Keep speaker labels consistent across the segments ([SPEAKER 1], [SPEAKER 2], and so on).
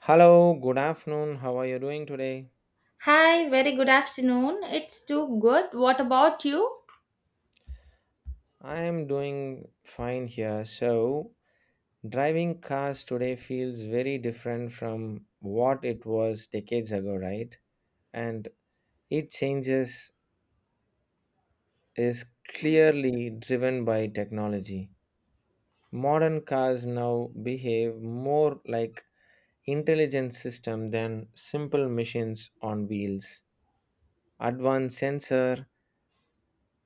[SPEAKER 1] Hello, good afternoon. How are you doing today?
[SPEAKER 2] Hi, very good afternoon. It's too good. What about you?
[SPEAKER 1] I am doing fine here. So, driving cars today feels very different from what it was decades ago, right? And it changes is clearly driven by technology. Modern cars now behave more like intelligent system than simple machines on wheels. Advanced sensor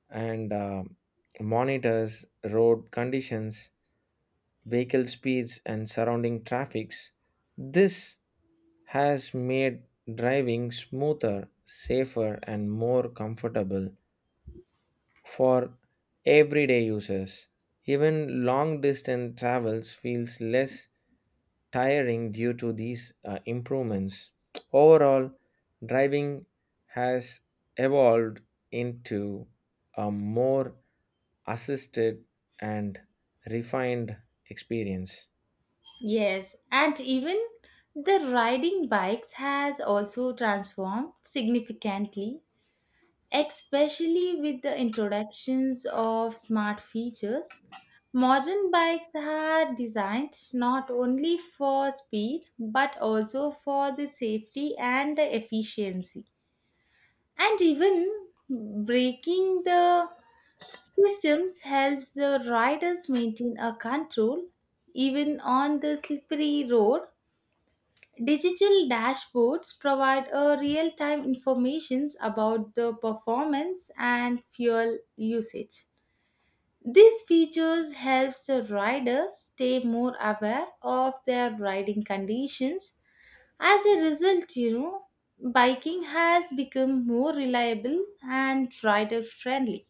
[SPEAKER 1] and monitors road conditions vehicle speeds and surrounding traffics. This has made driving smoother, safer, and more comfortable for everyday users. Even long distance travels feels less tiring due to these improvements. Overall, driving has evolved into a more assisted and refined experience.
[SPEAKER 2] Yes, and even the riding bikes has also transformed significantly, especially with the introductions of smart features. Modern bikes are designed not only for speed but also for the safety and the efficiency. And even breaking the Systems helps the riders maintain a control even on the slippery road. Digital dashboards provide a real-time information about the performance and fuel usage. These features helps the riders stay more aware of their riding conditions. As a result, biking has become more reliable and rider friendly.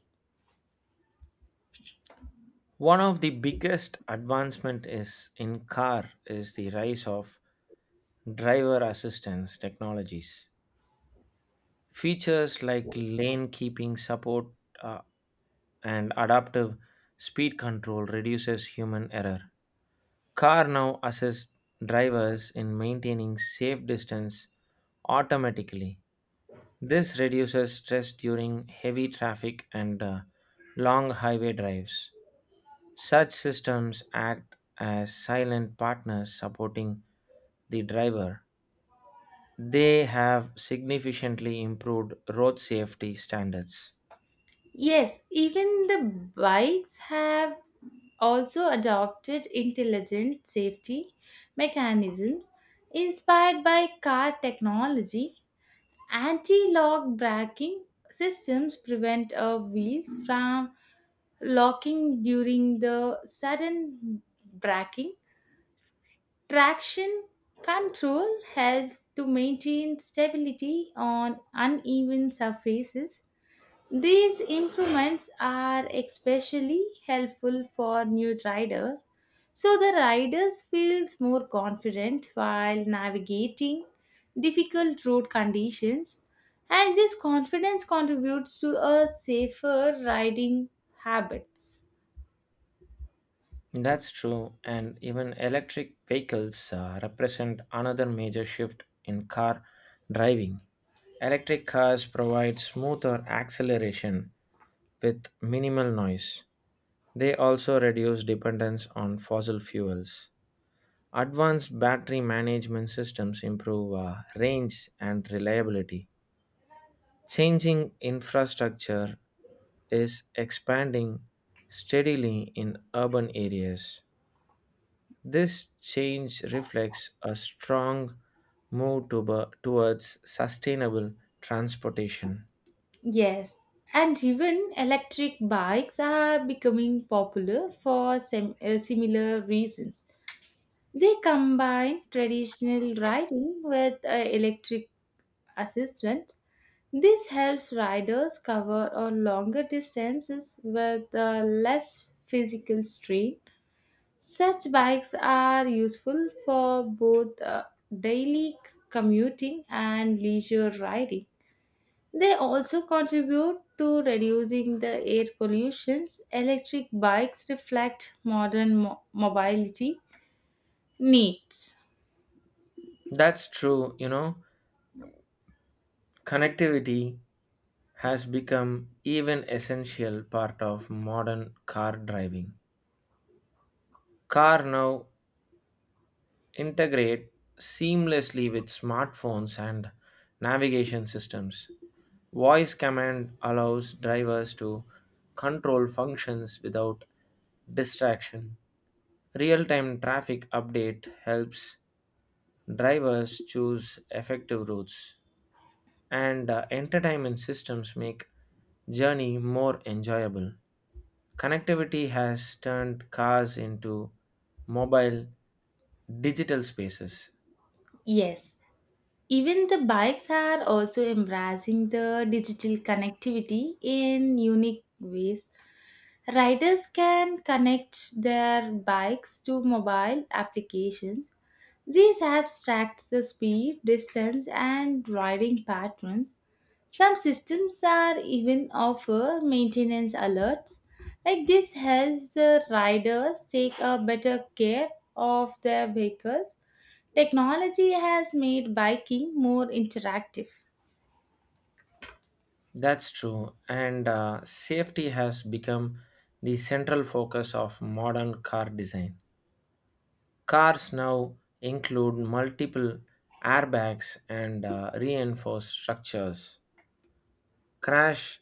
[SPEAKER 1] One of the biggest advancement is in car is the rise of driver assistance technologies. Features like lane keeping support uh, and adaptive speed control reduces human error. Car now assists drivers in maintaining safe distance automatically. This reduces stress during heavy traffic and long highway drives. Such systems act as silent partners supporting the driver. They have significantly improved road safety standards.
[SPEAKER 2] Yes, even the bikes have also adopted intelligent safety mechanisms inspired by car technology. Anti lock braking systems prevent wheels from locking during the sudden braking. Traction control helps to maintain stability on uneven surfaces. These improvements are especially helpful for new riders, so the riders feels more confident while navigating difficult road conditions, and this confidence contributes to a safer riding habits.
[SPEAKER 1] That's true, and even electric vehicles represent another major shift in car driving. Electric cars provide smoother acceleration with minimal noise. They also reduce dependence on fossil fuels. Advanced battery management systems improve range and reliability. Changing infrastructure is expanding steadily in urban areas. This change reflects a strong move towards sustainable transportation.
[SPEAKER 2] Yes, and even electric bikes are becoming popular for similar reasons. They combine traditional riding with electric assistance. This helps riders cover a longer distances with less physical strain. Such bikes are useful for both daily commuting and leisure riding. They also contribute to reducing the air pollution. Electric bikes reflect modern mobility needs.
[SPEAKER 1] That's true, you know. Connectivity has become even essential part of modern car driving. Car now integrate seamlessly with smartphones and navigation systems. Voice command allows drivers to control functions without distraction. Real time traffic update helps drivers choose effective routes, and entertainment systems make journey more enjoyable. Connectivity has turned cars into mobile digital spaces.
[SPEAKER 2] Yes, even the bikes are also embracing the digital connectivity in unique ways. Riders can connect their bikes to mobile applications. These apps track the speed, distance, and riding patterns. Some systems are even offer maintenance alerts. Like this helps the riders take a better care of their vehicles. Technology has made biking more interactive.
[SPEAKER 1] That's true, and safety has become the central focus of modern car design. Cars now include multiple airbags and reinforced structures. Crash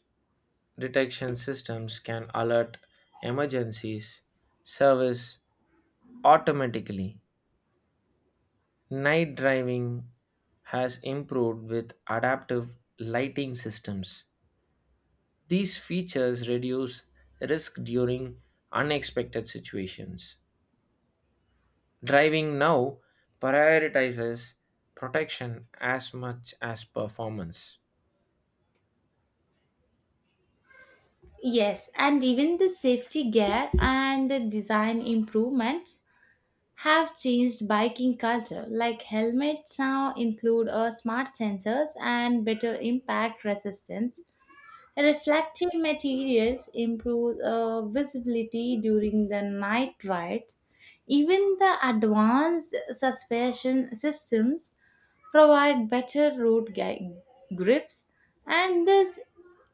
[SPEAKER 1] detection systems can alert emergencies, service automatically. Night driving has improved with adaptive lighting systems. These features reduce risk during unexpected situations. Driving now prioritizes protection as much as performance.
[SPEAKER 2] Yes, and even the safety gear and the design improvements have changed biking culture. Like helmets now include smart sensors and better impact resistance. Reflective materials improve visibility during the night ride. Even the advanced suspension systems provide better grips, and these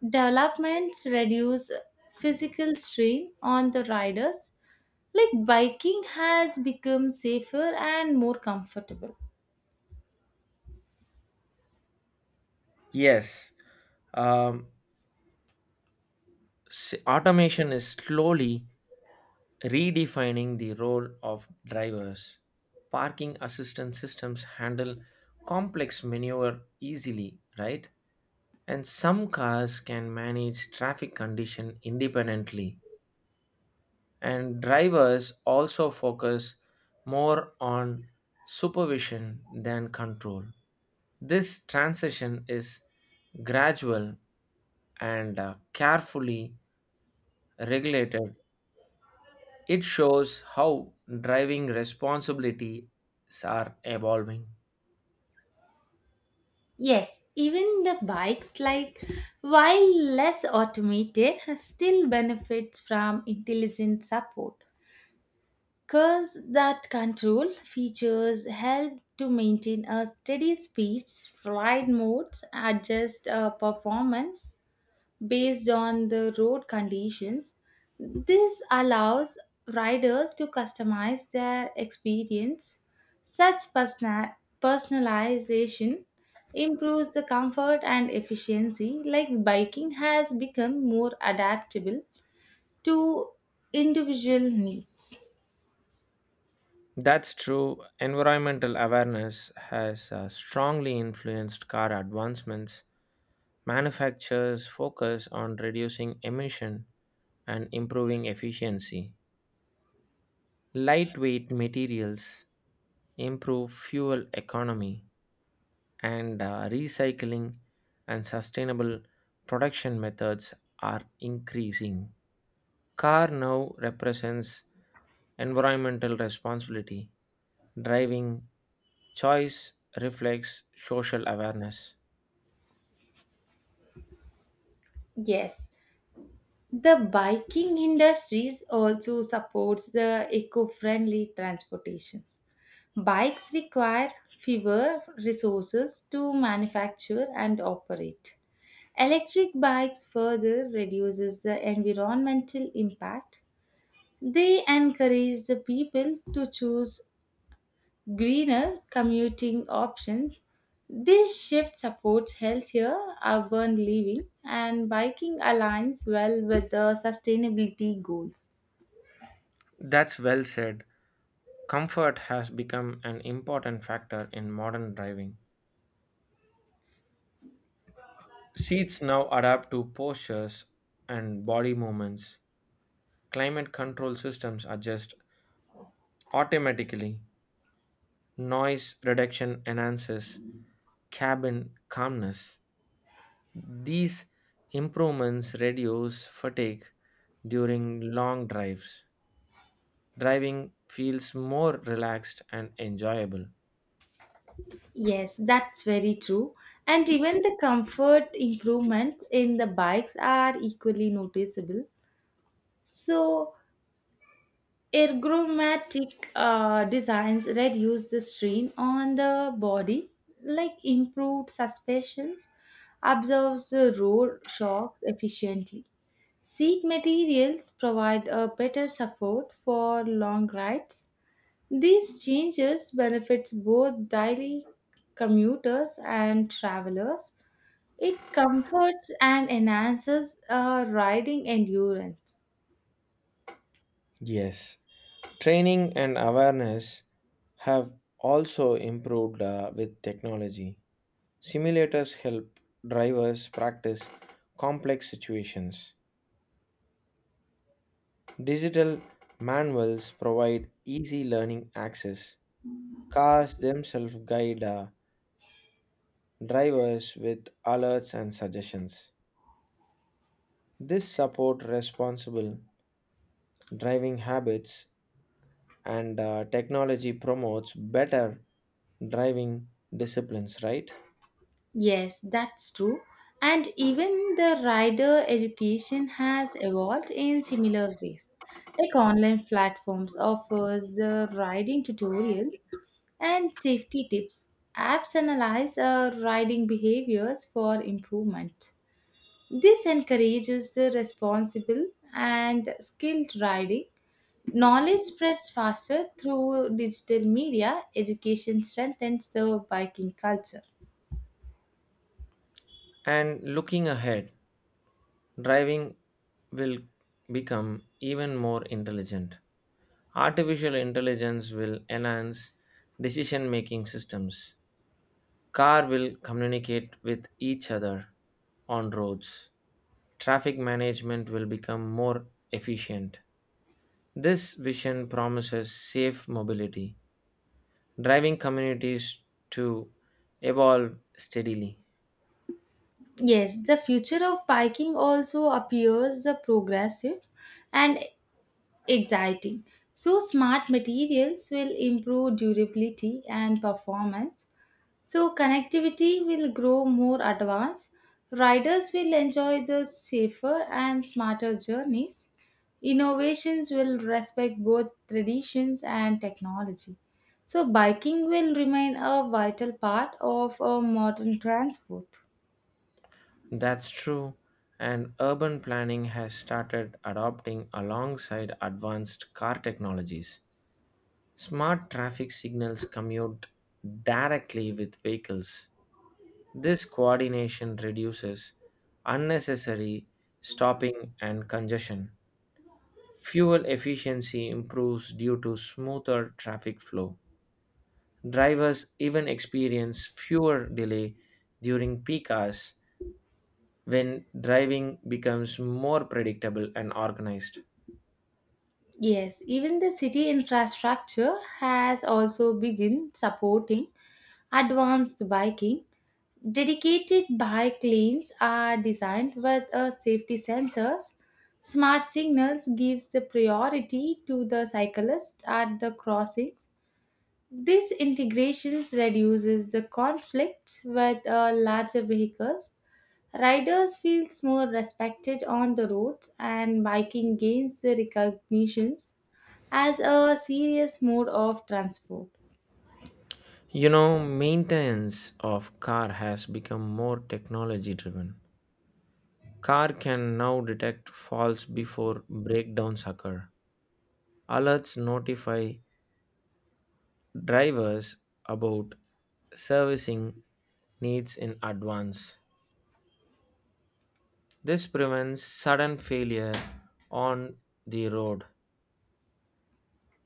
[SPEAKER 2] developments reduce physical strain on the riders. Like biking has become safer and more comfortable.
[SPEAKER 1] Yes, um, automation is slowly redefining the role of drivers. Parking assistance systems handle complex maneuver easily, right? And some cars can manage traffic condition independently. And drivers also focus more on supervision than control. This transition is gradual and carefully regulated. It shows how driving responsibilities are evolving.
[SPEAKER 2] Yes, even the bikes, like while less automated, still benefits from intelligent support. Cars that control features help to maintain a steady speed. Ride modes adjust performance based on the road conditions. This allows riders to customize their experience. Such personalization improves the comfort and efficiency, like biking has become more adaptable to individual needs.
[SPEAKER 1] That's true. Environmental awareness has strongly influenced car advancements. Manufacturers focus on reducing emission and improving efficiency. Lightweight materials improve fuel economy, and recycling and sustainable production methods are increasing. Car now represents environmental responsibility. Driving choice reflects social awareness.
[SPEAKER 2] Yes. The biking industries also supports the eco-friendly transportations. Bikes require fewer resources to manufacture and operate. Electric bikes further reduces the environmental impact. They encourage the people to choose greener commuting options. This shift supports healthier urban living, and biking aligns well with the sustainability goals.
[SPEAKER 1] That's well said. Comfort has become an important factor in modern driving. Seats now adapt to postures and body movements. Climate control systems adjust automatically. Noise reduction enhances cabin calmness. These improvements reduce fatigue during long drives. Driving feels more relaxed and enjoyable.
[SPEAKER 2] Yes, that's very true. And even the comfort improvements in the bikes are equally noticeable. So, ergonomic designs reduce the strain on the body, like improved suspensions, absorbs the road shocks efficiently. Seat materials provide a better support for long rides. These changes benefits both daily commuters and travelers. It comforts and enhances riding endurance.
[SPEAKER 1] Yes, training and awareness have also improved with technology. Simulators help drivers practice complex situations. Digital manuals provide easy learning access. Cars themselves guide drivers with alerts and suggestions. This support responsible driving habits and technology promotes better driving disciplines, right?
[SPEAKER 2] Yes, that's true. And even the rider education has evolved in similar ways. Like online platforms offers the riding tutorials and safety tips. Apps analyze riding behaviors for improvement. This encourages the responsible and skilled riding. Knowledge spreads faster through digital media. Education strengthens the biking culture.
[SPEAKER 1] And looking ahead, driving will become even more intelligent. Artificial intelligence will enhance decision making systems. Car will communicate with each other on roads. Traffic management will become more efficient. This vision promises safe mobility, driving communities to evolve steadily.
[SPEAKER 2] Yes, the future of biking also appears the progressive and exciting. So smart materials will improve durability and performance. So connectivity will grow more advanced. Riders will enjoy the safer and smarter journeys. Innovations will respect both traditions and technology. So biking will remain a vital part of a modern transport.
[SPEAKER 1] That's true, and urban planning has started adopting alongside advanced car technologies. Smart traffic signals commute directly with vehicles. This coordination reduces unnecessary stopping and congestion. Fuel efficiency improves due to smoother traffic flow. Drivers even experience fewer delay during peak hours when driving becomes more predictable and organized.
[SPEAKER 2] Yes, even the city infrastructure has also begun supporting advanced biking. Dedicated bike lanes are designed with a safety sensors. Smart signals gives the priority to the cyclists at the crossings. This integrations reduces the conflicts with larger vehicles. Riders feels more respected on the roads and biking gains the recognitions as a serious mode of transport.
[SPEAKER 1] You know, maintenance of car has become more technology driven. Car can now detect faults before breakdowns occur. Alerts notify drivers about servicing needs in advance. This prevents sudden failure on the road.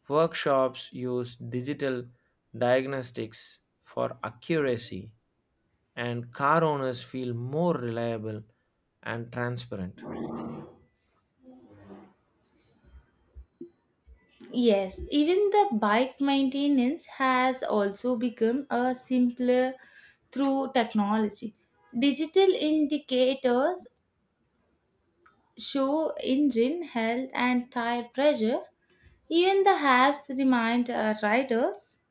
[SPEAKER 1] Workshops use digital diagnostics for accuracy, and car owners feel more reliable and transparent.
[SPEAKER 2] Yes, even the bike maintenance has also become a simpler through technology. Digital indicators show engine health and tire pressure. Even the apps remind riders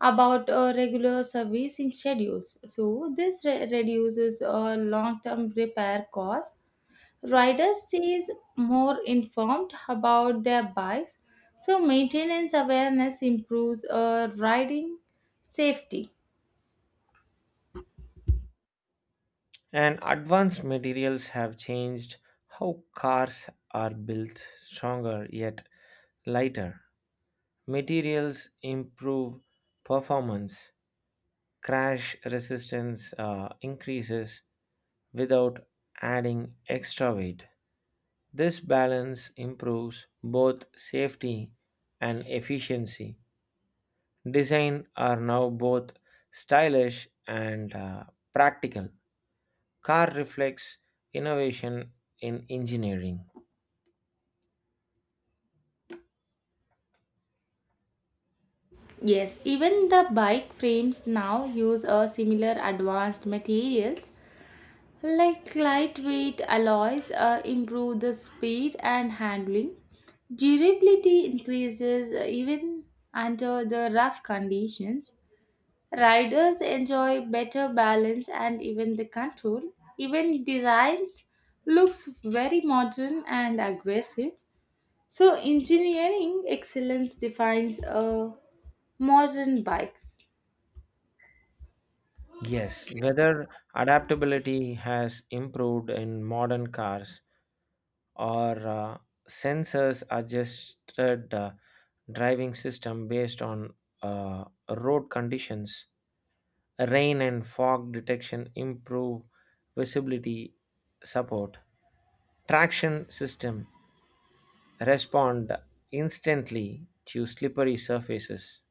[SPEAKER 2] about regular servicing schedules. So this reduces long-term repair costs. Riders stays more informed about their bikes. So maintenance awareness improves riding safety.
[SPEAKER 1] And advanced materials have changed how cars are built stronger yet lighter. Materials improve performance crash resistance increases without adding extra weight. This balance improves both safety and efficiency. Design are now both stylish and practical. Car reflects innovation in engineering.
[SPEAKER 2] Yes, even the bike frames now use a similar advanced materials. Like lightweight alloys improve the speed and handling. Durability increases even under the rough conditions. Riders enjoy better balance and even the control. Even designs looks very modern and aggressive. So engineering excellence defines modern bikes.
[SPEAKER 1] Yes, whether adaptability has improved in modern cars or sensors adjusted driving system based on uh, road conditions rain and fog detection improve visibility support traction system respond instantly to slippery surfaces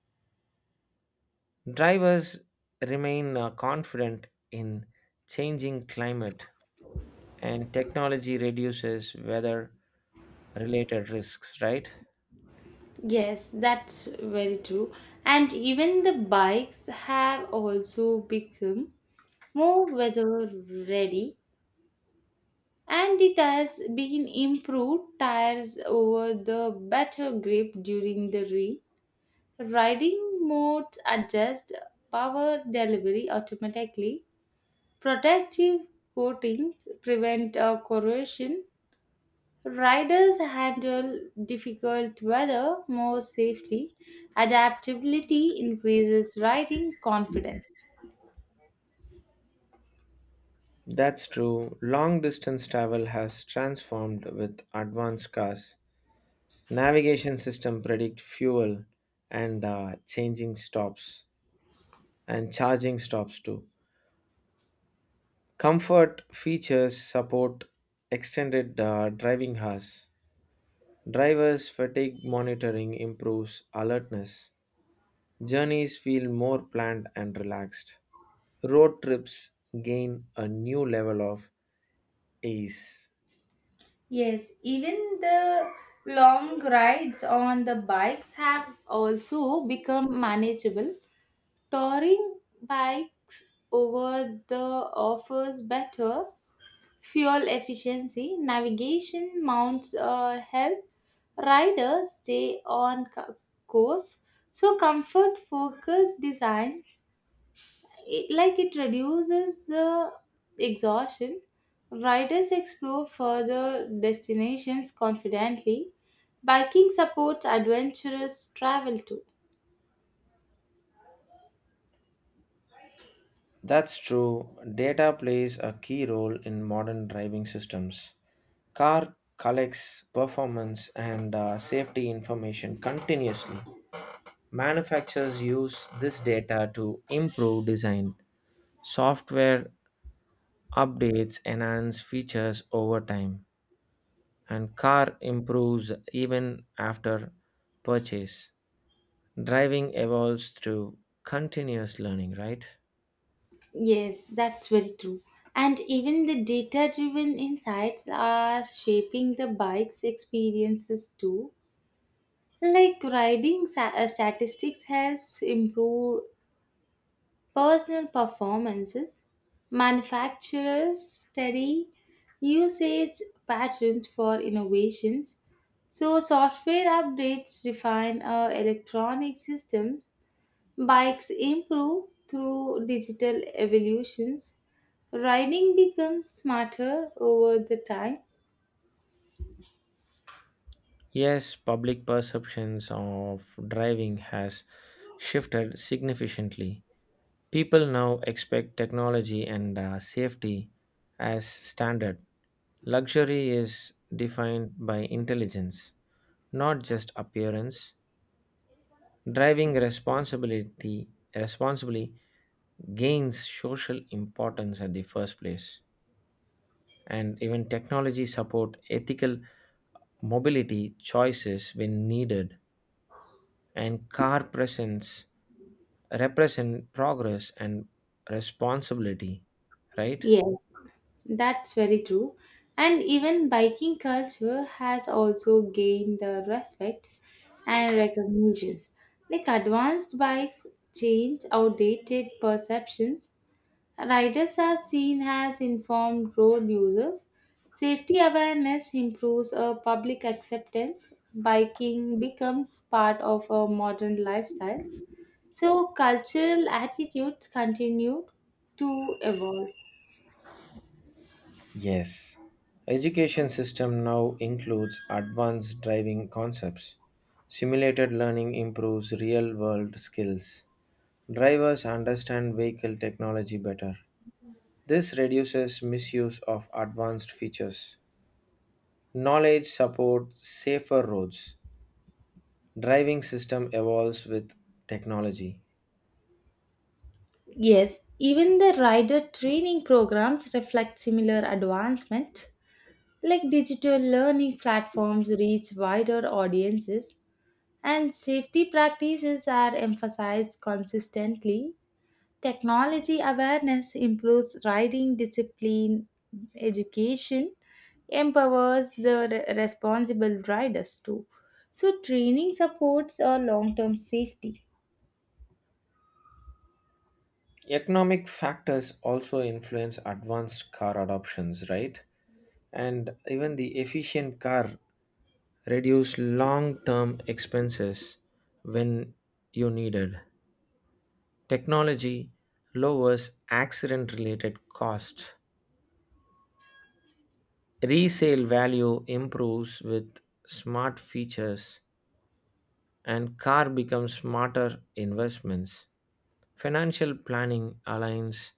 [SPEAKER 1] drivers remain confident in changing climate and technology reduces weather related risks, right?
[SPEAKER 2] Yes, that's very true. And even the bikes have also become more weather ready and it has been improved tires over the better grip during the rain. Riding modes adjust power delivery automatically. Protective coatings prevent corrosion. Riders handle difficult weather more safely. Adaptability increases riding confidence.
[SPEAKER 1] That's true. Long distance travel has transformed with advanced cars. Navigation system predict fuel and changing stops and charging stops too. Comfort features support extended driving hours. Drivers fatigue monitoring improves alertness. Journeys feel more planned and relaxed. Road trips gain a new level of ease.
[SPEAKER 2] Yes, even the long rides on the bikes have also become manageable. Touring bikes over the offers better fuel efficiency, navigation, mounts help riders stay on course. So comfort focused designs it, like it reduces the exhaustion. Riders explore further destinations confidently. Biking supports adventurous travel too.
[SPEAKER 1] That's true. Data plays a key role in modern driving systems. Car collects performance and safety information continuously. Manufacturers use this data to improve design. Software updates enhance features over time, and car improves even after purchase. Driving evolves through continuous learning, right?
[SPEAKER 2] Yes, that's very true. And even the data driven insights are shaping the bike's experiences too. Like riding statistics helps improve personal performances. Manufacturers study usage patterns for innovations. So software updates refine our electronic systems. Bikes improve through digital evolutions. Riding becomes smarter over the time.
[SPEAKER 1] Yes, public perceptions of driving has shifted significantly. People now expect technology and safety as standard. Luxury is defined by intelligence, not just appearance. Driving responsibility responsibly gains social importance at the first place, and even technology support ethical mobility choices when needed. And car presence represent progress and responsibility, right?
[SPEAKER 2] Yes. That's very true. And even biking culture has also gained the respect and recognitions. Like advanced bikes change outdated perceptions. Riders are seen as informed road users. Safety awareness improves a public acceptance. Biking becomes part of a modern lifestyle. So cultural attitudes continue to evolve.
[SPEAKER 1] Yes, education system now includes advanced driving concepts. Simulated learning improves real world skills. Drivers understand vehicle technology better. This reduces misuse of advanced features. Knowledge supports safer roads. Driving system evolves with technology.
[SPEAKER 2] Yes, even the rider training programs reflect similar advancement, like digital learning platforms reach wider audiences, and safety practices are emphasized consistently. Technology awareness improves riding discipline, education empowers the responsible riders too. So, training supports our long term safety.
[SPEAKER 1] Economic factors also influence advanced car adoptions, right? And even the efficient car reduce long-term expenses when you needed. Technology lowers accident-related costs. Resale value improves with smart features and car becomes smarter investments. Financial planning aligns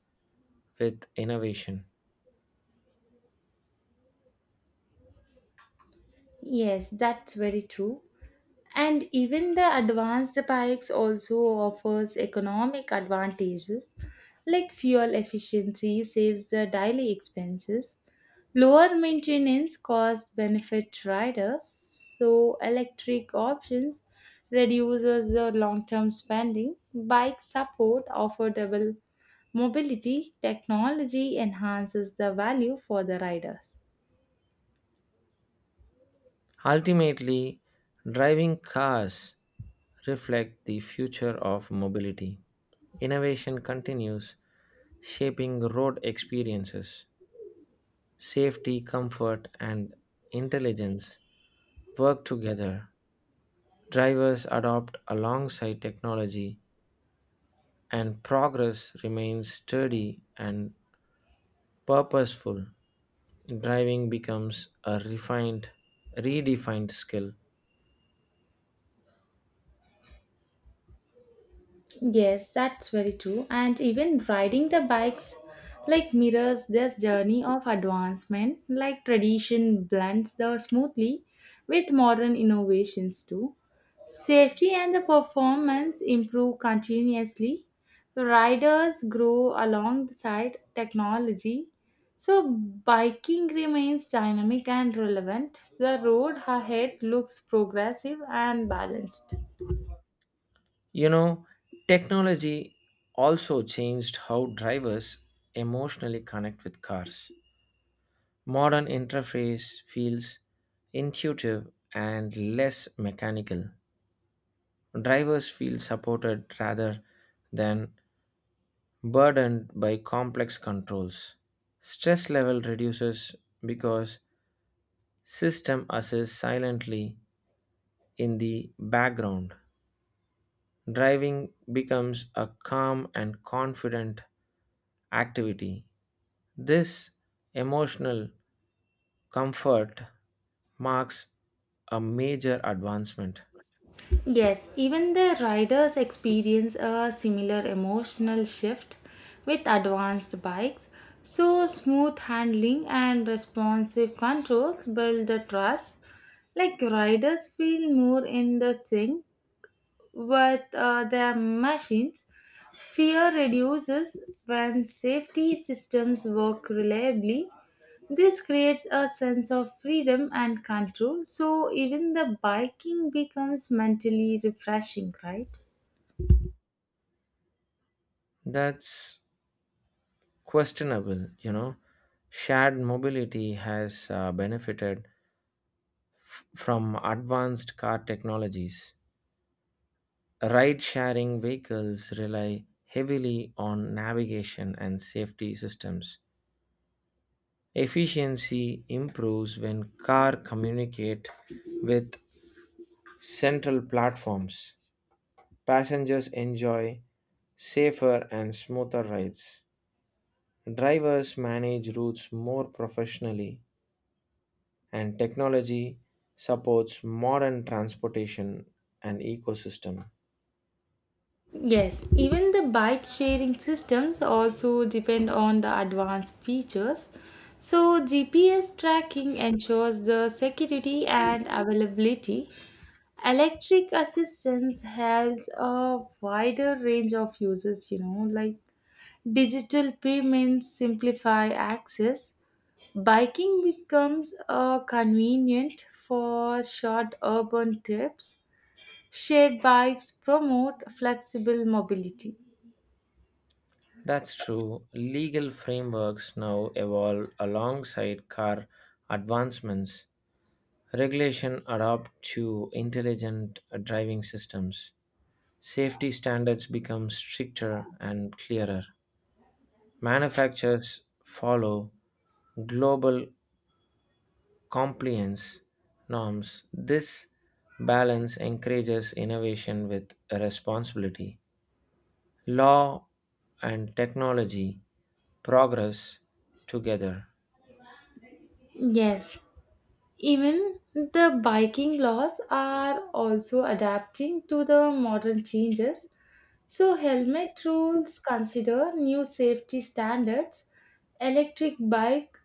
[SPEAKER 1] with innovation.
[SPEAKER 2] Yes, that's very true. And even the advanced bikes also offers economic advantages like fuel efficiency saves the daily expenses, lower maintenance cost benefit riders, so electric options reduces the long-term spending bike support affordable mobility technology enhances the value for the riders.
[SPEAKER 1] Ultimately, driving cars reflect the future of mobility. Innovation continues shaping road experiences. Safety, comfort, and intelligence work together. Drivers adopt alongside technology, and progress remains steady and purposeful. Driving becomes a refined, redefined skill.
[SPEAKER 2] Yes, that's very true. And even riding the bikes like mirrors this journey of advancement, like tradition blends the smoothly with modern innovations too. Safety and the performance improve continuously. Riders grow alongside technology. So biking remains dynamic and relevant. The road ahead looks progressive and balanced.
[SPEAKER 1] You know, technology also changed how drivers emotionally connect with cars. Modern interface feels intuitive and less mechanical. Drivers feel supported rather than burdened by complex controls. Stress level reduces because system assists silently in the background. Driving becomes a calm and confident activity. This emotional comfort marks a major advancement.
[SPEAKER 2] Yes, even the riders experience a similar emotional shift with advanced bikes. So, smooth handling and responsive controls build the trust. Like, riders feel more in the sync with their machines. Fear reduces when safety systems work reliably. This creates a sense of freedom and control, so even the biking becomes mentally refreshing, right?
[SPEAKER 1] That's questionable, you know. Shared mobility has benefited from advanced car technologies. Ride sharing vehicles rely heavily on navigation and safety systems. Efficiency improves when car communicate with central platforms. Passengers enjoy safer and smoother rides. Drivers manage routes more professionally, and technology supports modern transportation and ecosystem.
[SPEAKER 2] Yes, even the bike sharing systems also depend on the advanced features. So, GPS tracking ensures the security and availability. Electric assistance has a wider range of users, like digital payments simplify access. Biking becomes convenient for short urban trips. Shared bikes promote flexible mobility.
[SPEAKER 1] That's true. Legal frameworks now evolve alongside car advancements. Regulation adapt to intelligent driving systems. Safety standards become stricter and clearer. Manufacturers follow global compliance norms. This balance encourages innovation with responsibility. Law and technology progress together.
[SPEAKER 2] Yes, even the biking laws are also adapting to the modern changes. So, helmet rules consider new safety standards. Electric bike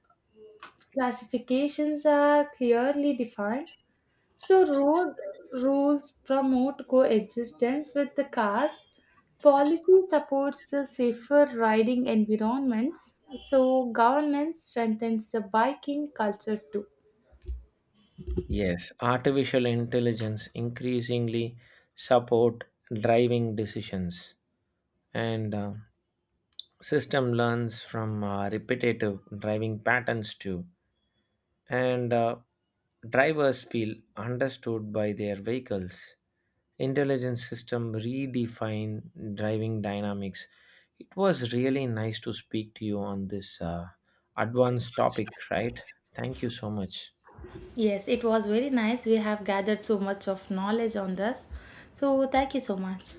[SPEAKER 2] classifications are clearly defined. So road rules promote coexistence with the cars. Policy supports the safer riding environments. So governance strengthens the biking culture too.
[SPEAKER 1] Yes, artificial intelligence increasingly support driving decisions and system learns from repetitive driving patterns too. And drivers feel understood by their vehicles. Intelligence system redefine driving dynamics. It was really nice to speak to you on this advanced topic, right? Thank you so much.
[SPEAKER 2] Yes, it was very nice. We have gathered so much of knowledge on this. So thank you so much.